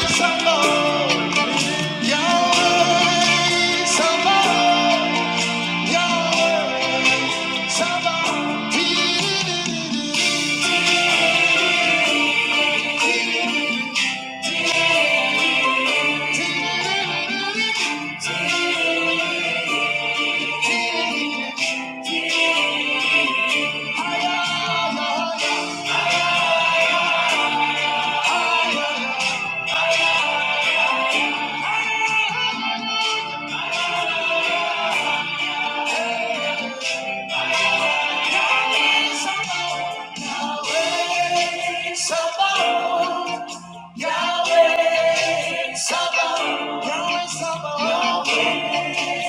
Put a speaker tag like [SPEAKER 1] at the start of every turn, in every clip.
[SPEAKER 1] Yahweh, Sabaoth, Yahweh, Sabaoth, Yahweh,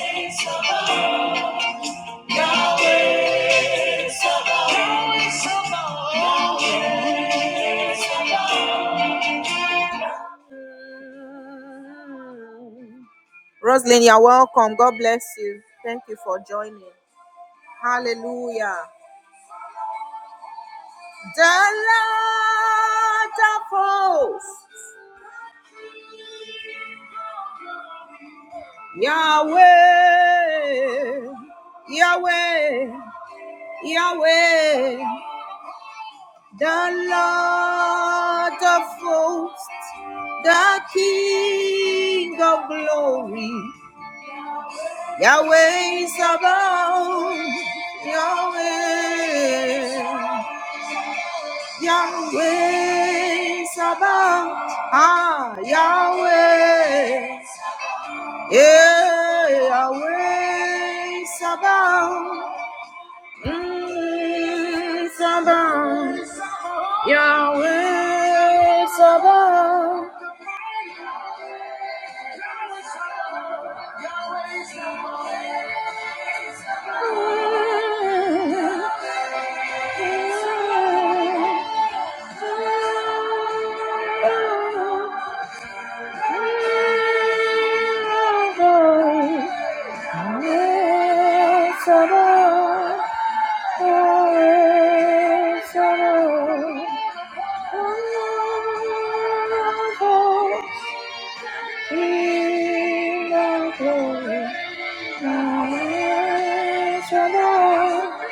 [SPEAKER 1] Sabaoth. Yahweh Sabaoth. Yahweh Sabaoth. Yahweh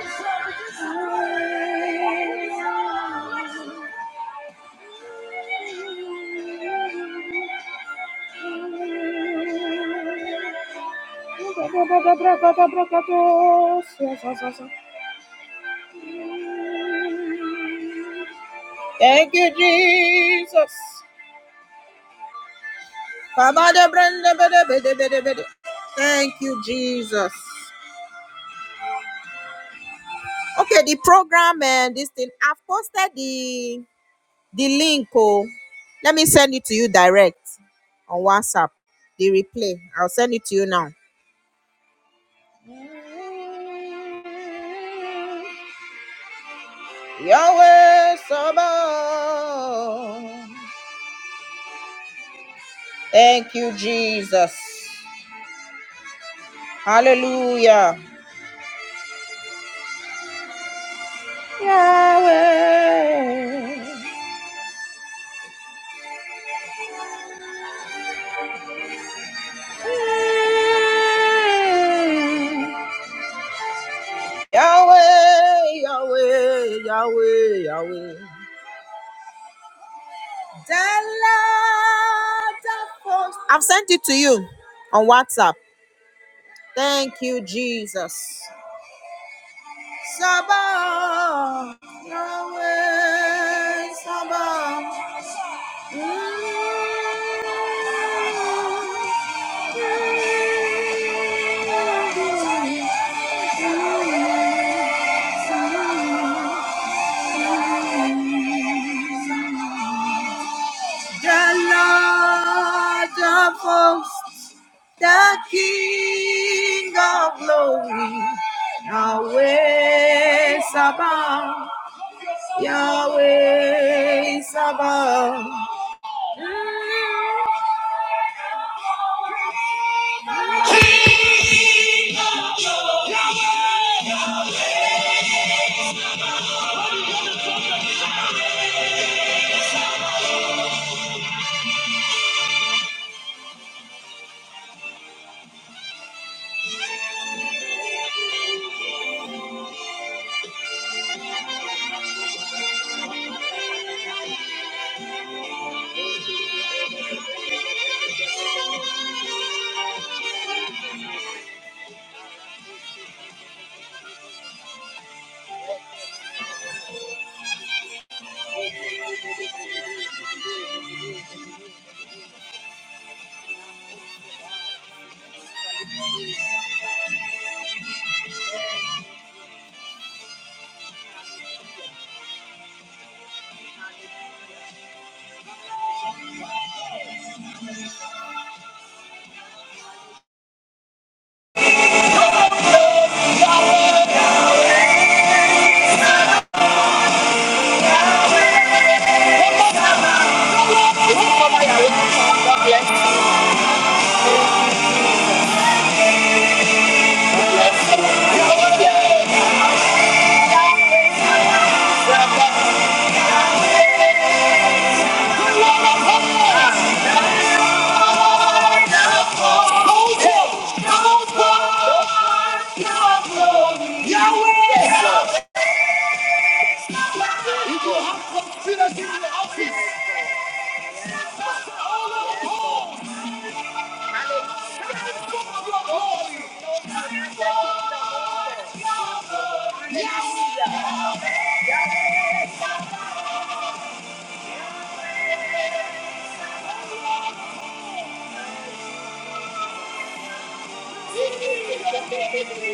[SPEAKER 1] Sabaoth. All help, all power. Yahweh Sabaoth. You will have to see us in the office. All of the homes. Stand up for your glory. Yahweh.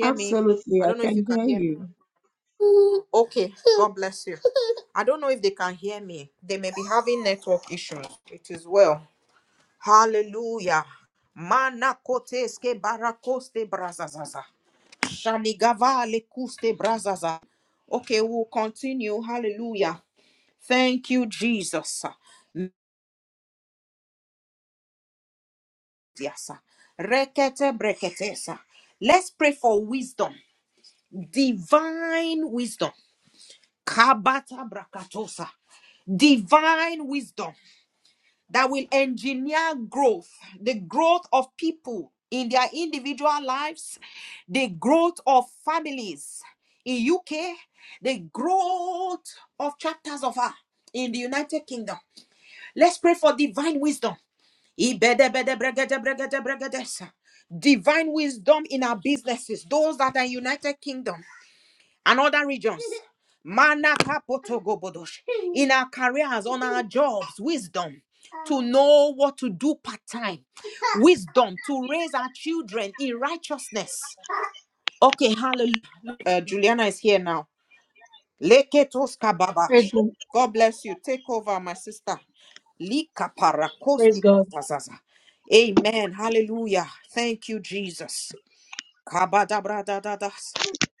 [SPEAKER 2] Absolutely, I can hear you.
[SPEAKER 3] Praise, God. Praise God.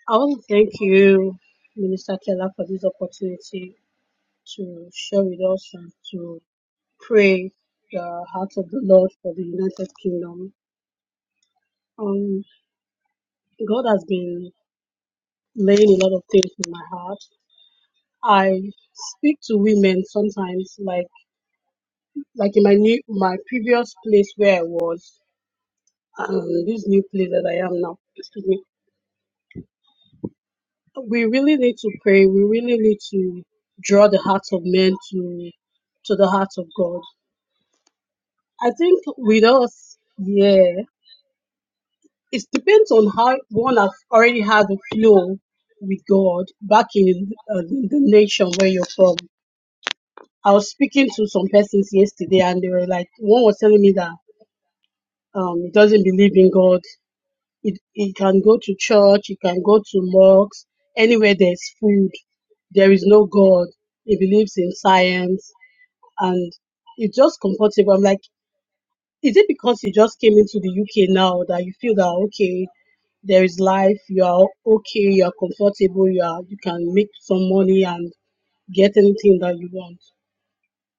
[SPEAKER 3] I want to thank you, Minister Keller, for this opportunity to share with us and to pray the heart of the Lord for the United Kingdom. Um, God has been laying a lot of things in my heart. I speak to women sometimes, like like in my new my previous place where I was, um, this new place that I am now. we really need to pray. We really need to draw the hearts of men to to the heart of God. I think with us, yeah, it depends on how one has already had a flow with God back in uh, the the nation where you're from. I was speaking to some persons yesterday, and they were like, one was telling me that um, he doesn't believe in God. It, it can go to church, it can go to mosques, anywhere there's food. There is no God. He believes in science and it's just comfortable. I'm like, is it because you just came into the UK now that you feel that, okay, there is life, you are okay, you are comfortable, you are, you can make some money and get anything that you want.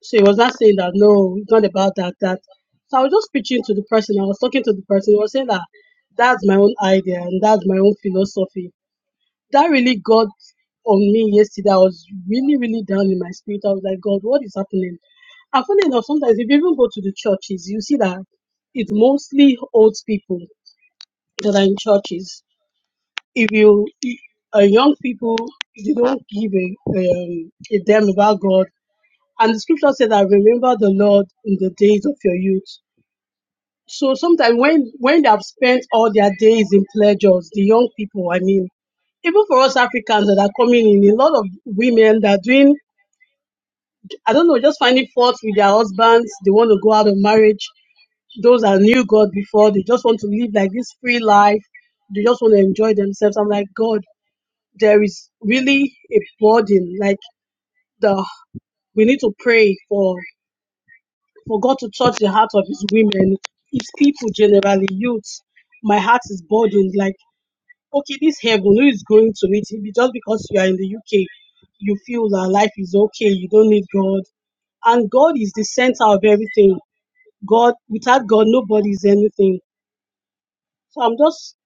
[SPEAKER 3] So he was not saying that, no, it's not about that, that. So I was just preaching to the person, I was talking to the person, he was saying that that's my own idea and that's my own philosophy that really got on me yesterday. I was really, really down in my spirit. I was like, God, what is happening? And funny enough, sometimes if you even go to the churches, you see that it's mostly old people that are in churches. If you, uh, young people, they don't give a, um, a damn about God. And the scripture said that remember the Lord in the days of your youth. So sometimes when when they have spent all their days in pleasures, the young people, I mean, even for us Africans that are coming in, a lot of women that are doing, I don't know, just finding fault with their husbands. They want to go out of marriage. Those that knew God before, they just want to live like this free life. They just want to enjoy themselves. I'm like, God, there is really a burden. Like the we need to pray for for God to touch the heart of His women, His people generally, youth. My heart is burdened. Like okay, this heaven, who is going to it? If Just because you are in the UK, you feel that life is okay, you don't need God. And God is the center of everything. God, without God, nobody is anything. So I'm just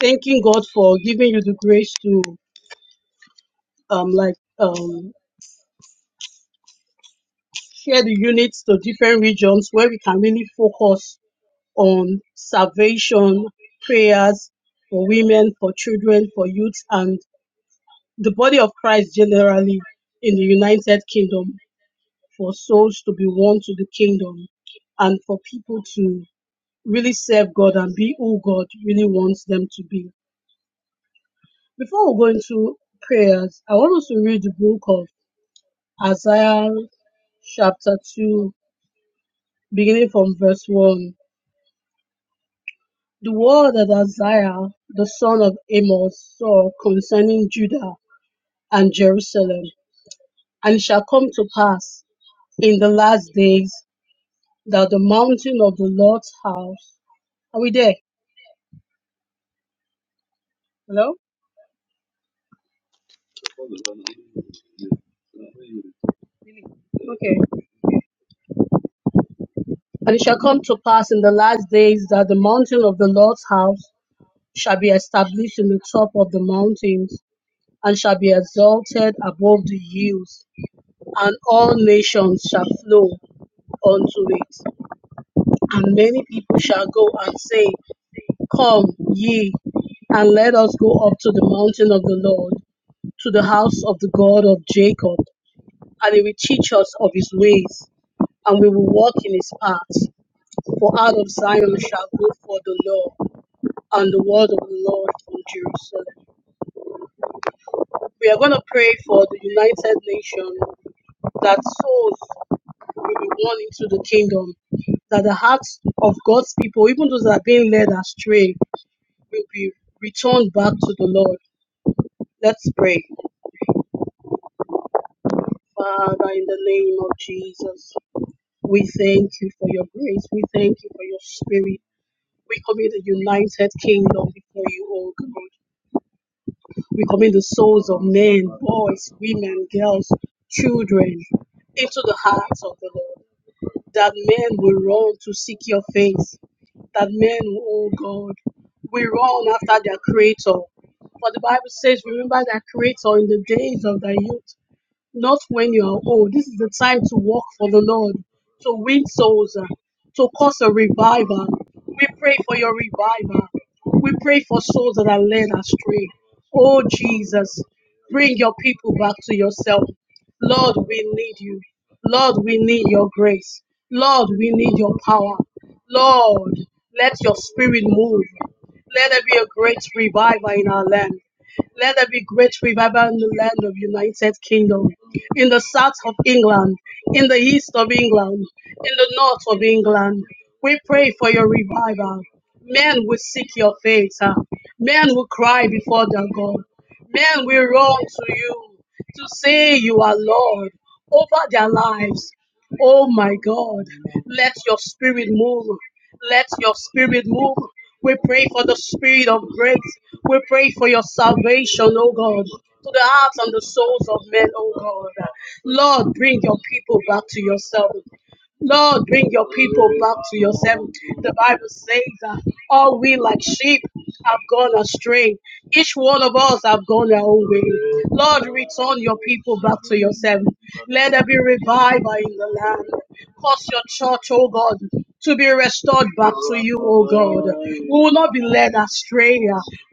[SPEAKER 3] thanking God for giving you the grace to um like um share the units to different regions where we can really focus on salvation, prayers for women, for children, for youth, and the body of Christ generally in the United Kingdom. for souls to be won to the kingdom and for people to really serve God and be who God really wants them to be. Before we go into prayers, I want us to read the book of Isaiah chapter 2, beginning from verse 1. The word that Isaiah, the son of Amos, saw concerning Judah and Jerusalem, and it shall come to pass in the last days that the mountain of the Lord's house. Are we there? Hello? Okay. And it shall come to pass in the last days that the mountain of the Lord's house shall be established in the top of the mountains, and shall be exalted above the hills, and all nations shall flow unto it. And many people shall go and say, Come ye, and let us go up to the mountain of the Lord, to the house of the God of Jacob, and he will teach us of his ways, and we will walk in his paths. For out of Zion shall go forth the law and the word of the Lord from Jerusalem. We are going to pray for the United Nations that souls will be won into the kingdom, that the hearts of God's people, even those that are being led astray, will be returned back to the Lord. Let's pray. Father, in the name of Jesus, we thank you for your grace. We thank you for your spirit. We commit the United Kingdom before you, O God. We commit the souls of men, boys, women, girls, children into the hands of the Lord. That men will run to seek your face. That men, oh God, will run after their creator. For the Bible says, remember thy creator in the days of thy youth not when you are old. This is the time to walk for the Lord, to win souls, uh, to cause a revival. We pray for your revival. We pray for souls that are led astray. Oh, Jesus, bring your people back to yourself. Lord, we need you. Lord, we need your grace. Lord, we need your power. Lord, let your spirit move. Let there be a great revival in our land. Let there be great revival in the land of United Kingdom, in the south of England, in the east of England, in the north of England. We pray for your revival. Men will seek your face. ah. Men will cry before their God. Men will run to you to say you are Lord over their lives. Oh my God, let your spirit move. Let your spirit move. We pray for the spirit of grace. We pray for your salvation, oh God, to the hearts and the souls of men, oh God. Lord, bring your people back to yourself. Lord, bring your people back to yourself. The Bible says that all we like sheep have gone astray. Each one of us have gone our own way. Lord, return your people back to yourself. Let there be revival in the land. Cause your church, oh God, to be restored back to you, oh God. We will not be led astray.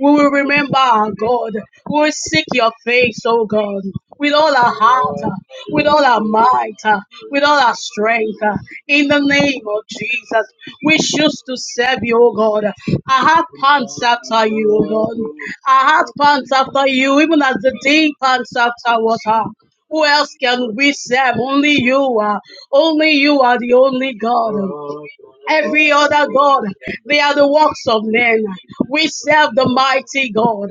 [SPEAKER 3] We will remember our God. We will seek your face, oh God, with all our heart, with all our might, with all our strength. In the name of Jesus, we choose to serve you, oh God. Our heart pants after you, oh God. Our heart pants after you, even as the deep pants after water. Who else can we serve? Only you are. Only you are the only God. Every other God, they are the works of men. We serve the mighty God.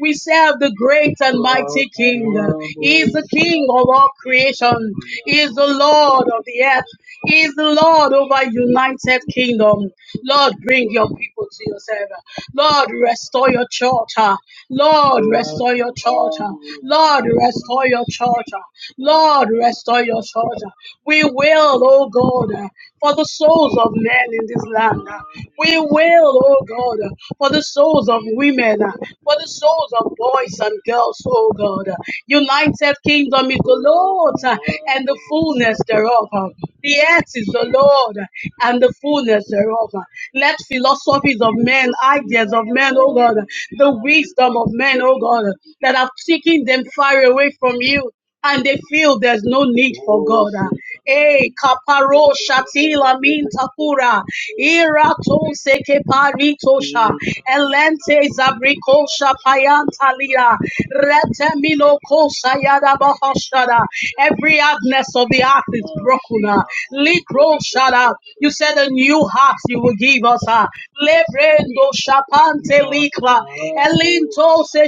[SPEAKER 3] We serve the great and mighty King. He is the King of all creation. He is the Lord of the earth. He is Lord over United Kingdom. Lord, bring your people to yourself. Lord, restore your church. ah. Lord, restore your church. ah. Lord, restore your church. ah. Lord, restore your church. ah. We will, oh God, ah, for the souls of men in this land. ah. We will, oh God, ah, for the souls of women, ah, for the souls of boys and girls, oh God. ah. United Kingdom is the Lord. and the fullness thereof. The earth is the Lord and the fullness thereof. Let philosophies of men, ideas of men, oh God, the wisdom of men, oh God, that have taken them far away from you and they feel there's no need for God. E kaparo shatila mintakura. Ira tonse keparitosha. Elente zabriko shapayanta Retemino kosa yada bahashada. Every hardness of the heart is broken. ah. Likro shada. You said a new heart you will give ribosa, lebrendo shapante likla, elinto se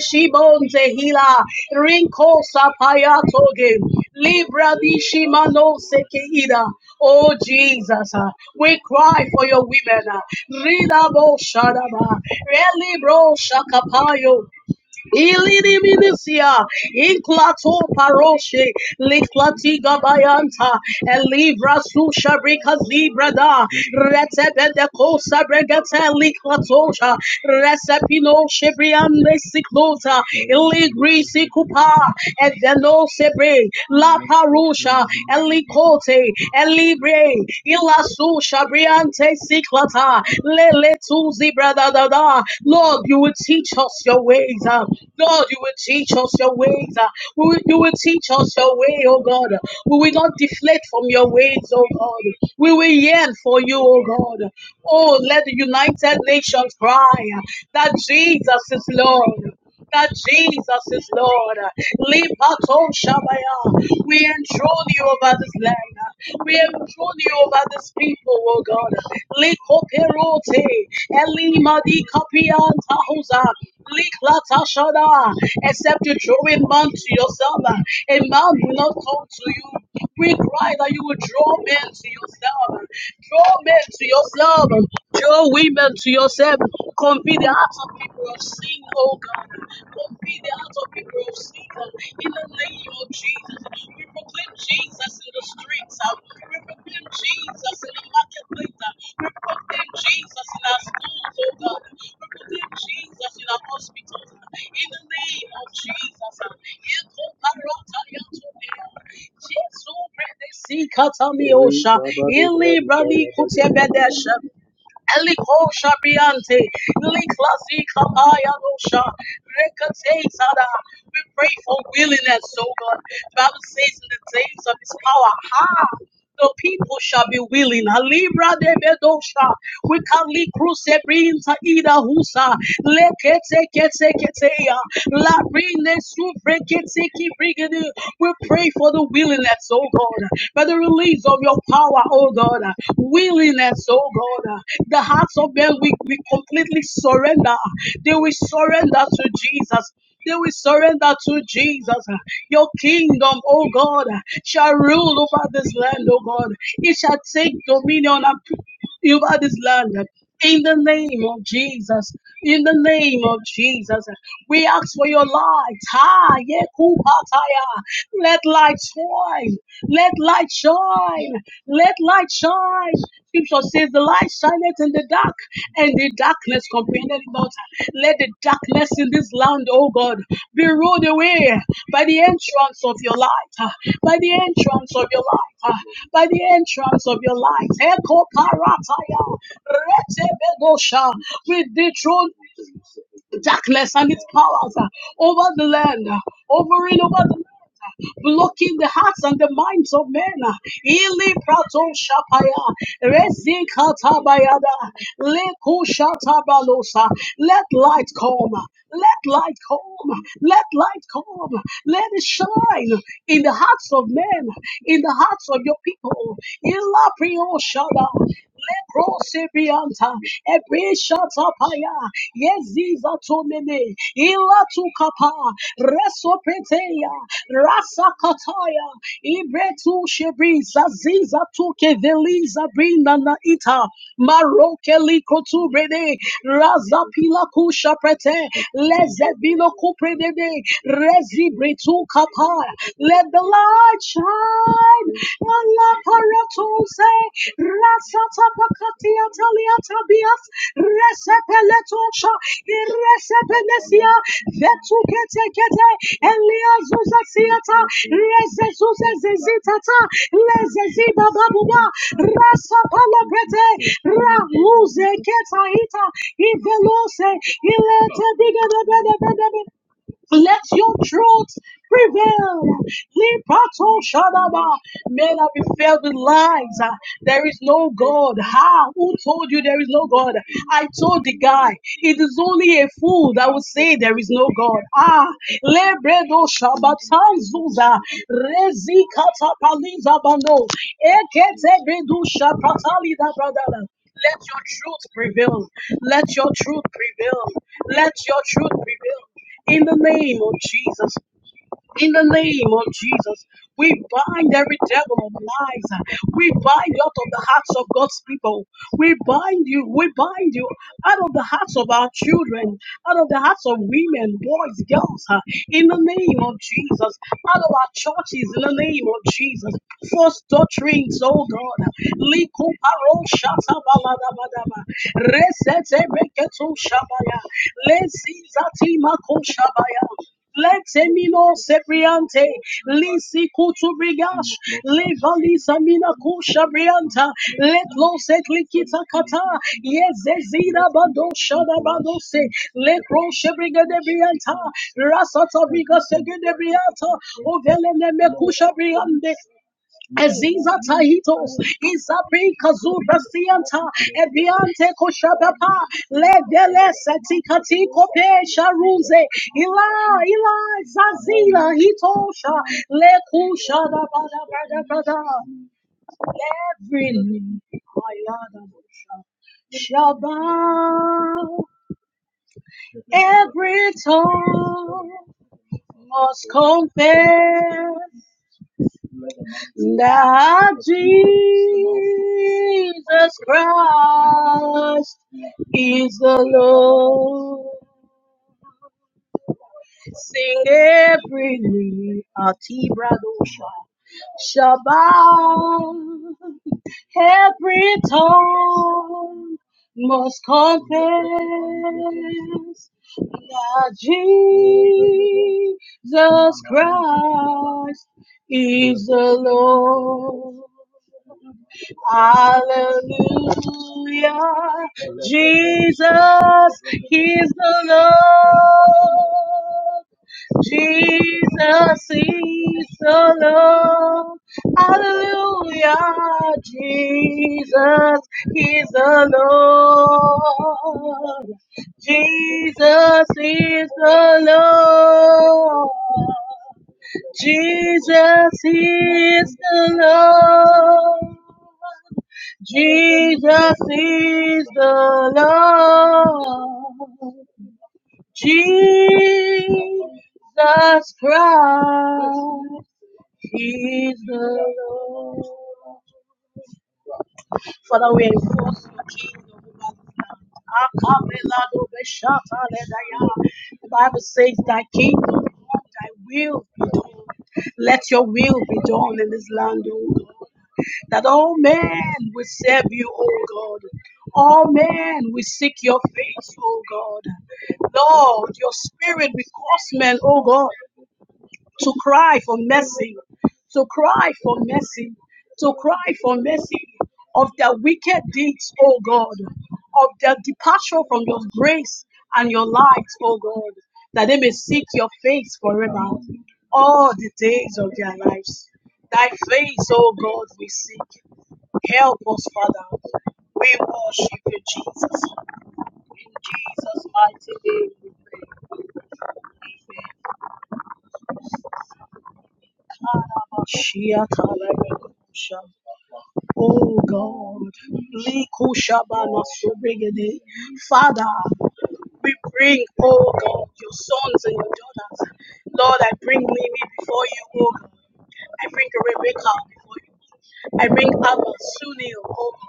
[SPEAKER 3] hila, rinko sapayatoge, libra di shimano sekeida. Oh Jesus, uh, we cry for your women. uh, Ridabo shadaba, relibro shakapayo, Iliriminusia, Inklato Paroshe, Liklatiga Bayanta, Elivra Susha Rika Zibrada, Retebede Kosa Bregate Liklatosha, Resepino Shebriande Siklota, Iligri Sikupa, Edeno Sebre, La Parusha, Elikote, Elibre, Ilasu Shabriante Siklata. Lele Tuzi brother da da. Lord, you will teach us your ways. ah. Lord, you will teach us your ways. ah. We will- You will teach us your way, oh God. We will not deflate from your ways, oh God. We will yearn for you, oh God. Oh, let the United Nations cry ah, that Jesus is Lord that Jesus is Lord. Lipato Shabaya. We enthrone you over this land. We enthrone you over this people, oh God. Likoperote. Elimadi Kapian Tahosa. Liklata Shada. Except you draw a man to yourself, a man will not come to you. We cry that you will draw men to yourself. Draw men to yourself. Draw women to yourself. Convey the hearts of people of sin, oh God. Convey the hearts of people of sin in the name of Jesus. We proclaim Jesus in the streets. uh, We proclaim Jesus in the marketplace. uh, We proclaim Jesus in our schools, oh God. We proclaim Jesus in our hospitals. uh, In the name of Jesus. uh, Jesu brede si katamiosha. Ili brani kutebedesha. Eliko shabiante. Ili klasi kapayanosha. Rekate tada. We pray for willingness, oh God. The Bible says in the days of his power, ha! The people shall be willing. Halibra de bedosha. We can li cruce brinta ida husa. Le kete kete kete ya. La brine sufre kete ki brigade. We pray for the willingness, oh God, for the release of your power, oh God. Willingness, oh God. The hearts of men, we, we completely surrender. They will surrender to Jesus. They will surrender to Jesus. Your kingdom, oh God, shall rule over this land, oh God. It shall take dominion and over this land. In the name of Jesus, in the name of Jesus, we ask for your light. Ha, yekubataya. Let light shine. Let light shine. Let light shine. Scripture says, "The light shineth in the dark, and the darkness comprehended it not." Let the the darkness in this land, oh God, be rolled away by the entrance of your light, uh, by the entrance of your light, uh, by the entrance of your light. Echo parataya, retebedosha, with the throne darkness and its powers uh, over the land, uh, over and over the land blocking the hearts and the minds of men. Ili prato shapaya, rezi katabayada, leku shatabalosa. Let light come. Let light come. Let light come. Let it shine in the hearts of men, in the hearts of your people. Ila prio shada. Leprosibianta, Ebishatapaya, Yeziza Tumene, Ila Tukapa, Resopeteya, Rasakataya, Ibretu Shebriza, Ziza Tuke Veliza Brinda Naita, Marokeli Kotubrede, Razapila Kusha Prete, Lezebino Kuprede, Rezibritu Kapa, let the light shine. Allah paratose. Rasata pakatia talia tabias. Resepeletocha. Iresepelesia. Vetu kete kete. Elia zuza siata. Reze zuze zezitata. Leze ziba babuba. Rasa palapete. Ra uze keta ita. Ivelose. Ilete diga de bede bede bede. Let your truth prevail. Lipato Shadaba. May not be filled with lies. Ah, There is no God. How? Who told you there is no God? I told the guy, it is only a fool that will say there is no God. Ah, Lebredo Shabatan Zuza. Rezi Katapaliza Bando. Ekete Bedu Shapatali da Bradala. Let your truth prevail. Let your truth prevail. Let your truth prevail in the name of Jesus. In the name of Jesus, we bind every devil of lies. We bind you out of the hearts of God's people. We bind you, we bind you out of the hearts of our children, out of the hearts of women, boys, girls, uh, in the name of Jesus, out of our churches, in the name of Jesus. False doctrines, oh God. Liku paro shata balada badaba. Resete beketu shabaya. Lesi zati mako shabaya. Letemino sebriante, lisi kutubrigash, levali samina kusha brianta, letlo setlikita kata, yezezira bado shada bado se, lekro shebrigade brianta, rasata briga segede brianta, ovele neme kusha briande, Eziza Tahitos, Isabi Kazuba Sianta, Ebiante Koshabapa, Ledele Setikati Kope Sharuze, Ila, Ila, Zazila Hitosha, Le Bada Bada Bada, every knee, Ayada Bosha, Shabbat, every tongue must confess. Love Jesus Christ is the Lord. Sing every knee, Atibradosha. Shabbat, every tongue must confess that Jesus Christ is the Lord. Hallelujah. Jesus is the Lord. Jesus is the Lord. Hallelujah. Jesus is the Lord. Jesus is the Lord. Jesus is the Lord. Jesus is the Lord. Jesus Christ is the Lord. Father, we enforce your kingdom over this land. The Bible says, Thy kingdom, come, thy will be done. Let your will be done in this land, O God. that all men will serve you, O God. All men will seek your face, O God. Lord, your spirit will cause men, O God, to cry for mercy, to cry for mercy, to cry for mercy of their wicked deeds, O God, of their departure from your grace and your light, O God, that they may seek your face forever, all the days of their lives. Thy face, O God, we seek. Help us, Father. We worship you, Jesus. In Jesus' mighty name, we pray. Shia talaga kusha. Oh God, Likushabana Sobregede. Father, we bring, oh God, your sons and your daughters. Lord, I bring Mimi before you, oh God. I bring Rebecca before you. I bring Abba, Sunil, oh God.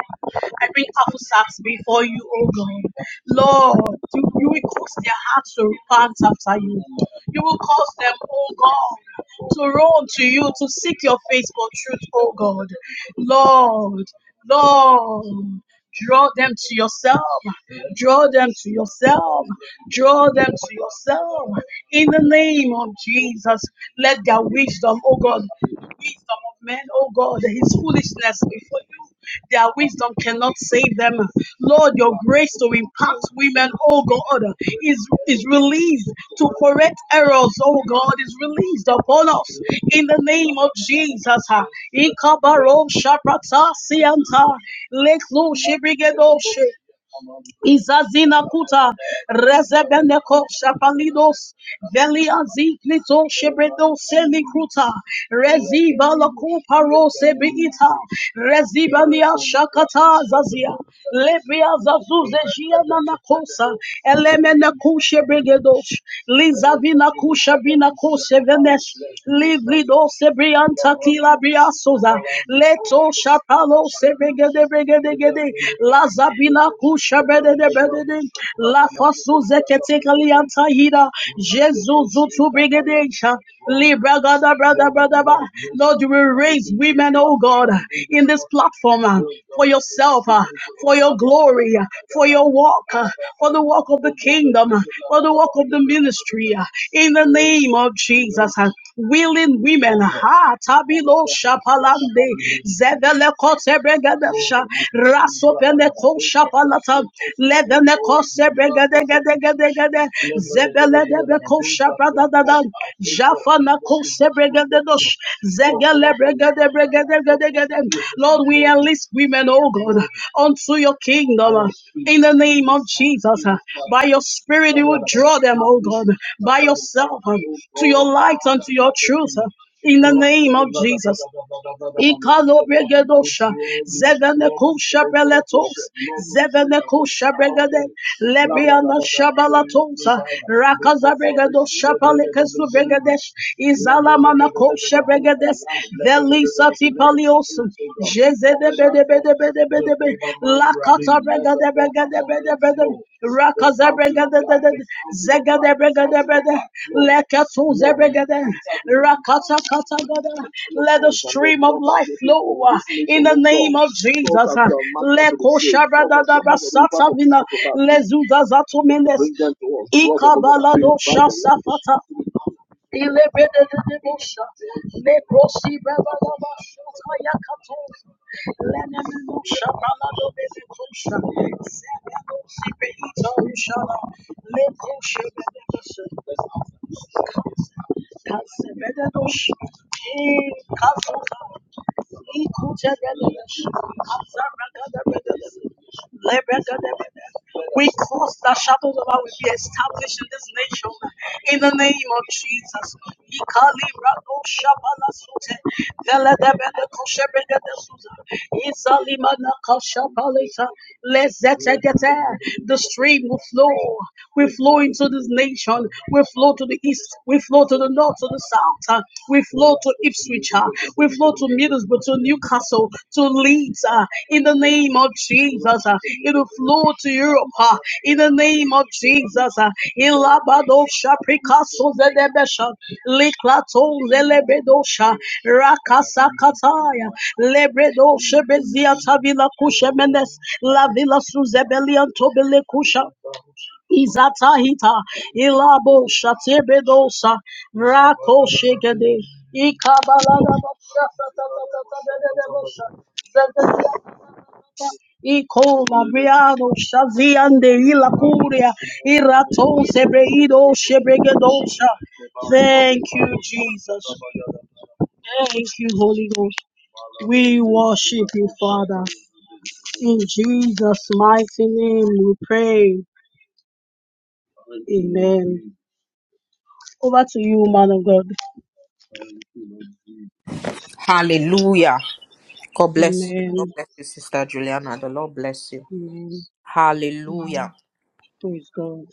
[SPEAKER 3] I bring Aposaph before you, O God. Lord, you, you will cause their hearts to repent after you. You will cause them, O God, to run to you, to seek your face for truth, O God. Lord, Lord, draw them to yourself, draw them to yourself, draw them to yourself. In the name of Jesus, let their wisdom, oh God, wisdom of men, oh God, his foolishness before you. Their wisdom cannot save them. Lord, your grace to impact women, oh God, is, is released to correct errors, oh God, is released upon us in the name of Jesus. Ikabaro shaprata sianta leklo shibrigedo she Izazina kuta rezebene ko shapalidos veli aziklito shebredo seli kuta reziba la kupa rose beita reziba nia shakata zazia lebia zazuze jiana na kosa elemene kushe bregedos lizavina kusha bina kose venes librido sebrianta kila briasoza Leto Shapalo Sebegede Begede Gede Lazabila Kusha Bedede Bedede La Fasu Zeketekalianta Hida Jesus Zutu Begede Sha Libra Gada Brada Brada Ba Lord you will raise women oh God in this platform uh, for yourself uh, for your glory uh, for your walk uh, for the work of the kingdom uh, for the work of the ministry uh, in the name name of Jesus. uh, Willing women, heart, abilo shapalande, zevele kotebregadesha, rasopene ko shapalata, levene kosebregadegadegade, zebele debe ko shapradadadan, jafana kosebregadedosh, zegele bregadebregadegade. Lord, we enlist women, oh God, unto your kingdom. uh, In the name name of Jesus. uh, By your spirit, you will draw them, oh God, by yourself uh, to your light and to your truth. uh, In the name of Jesus. Ikalobregedosha, zevenekushabeletos, zevenekushabregede, lebianashabalatosa, rakazabregedoshabalekesubregedes, izalamanakoshabregedes, house. Jezebedebedebedebedebe. Lakatabregadebregadebredebede. Rakazabregadebede. Zegadebregadebede. Lekatuzebregade. Rakatakatagada. Let the stream of life flow uh, in the name of Jesus. uh. Lekoshabradadabasatavina. Lezudazatumenes. Ikabaladosha safata. Ilebredededebosha. Lebrosibrabalabashotayakatos. Lenemenoshabalabebekosha. Zebenosibeitorishana. Lebroshebedebese. Kasebededosh. Ikasoza. Ikutebededosh. Kasabragadabedebese. Lebregadebede. We cause the shadows of our will be established in this nation in the name of Jesus. Ikali Rado Shabala Sute, Veledebele Kosherega de Suza, Izalimana Kashabalita, Lezetegete, the stream will flow, we flow into this nation. We flow to the east. We flow to the north, to the south. uh, We flow to Ipswich. uh, We flow to Middlesbrough, to Newcastle, to Leeds. uh, In the name of Jesus. uh, It will flow to Europe. uh, In the name of Jesus. uh, Ilabadosha prikaso zelebesha. Liklato zelebedosha. Rakasakataya. Lebredoshe beziata vila kushemenes. La vila suzebelian tobele kusha. Izatahita ilabo shatebedosa rako shekede ikabalada Iko Mariano Shaziande Ila Curia Irato Sebreido Shebregedosha. Thank you, Jesus. Thank you, Holy Ghost. We worship you, Father. In Jesus' mighty name we pray. Amen. Over to you, man of God. Amen. Amen. Amen. Praise God.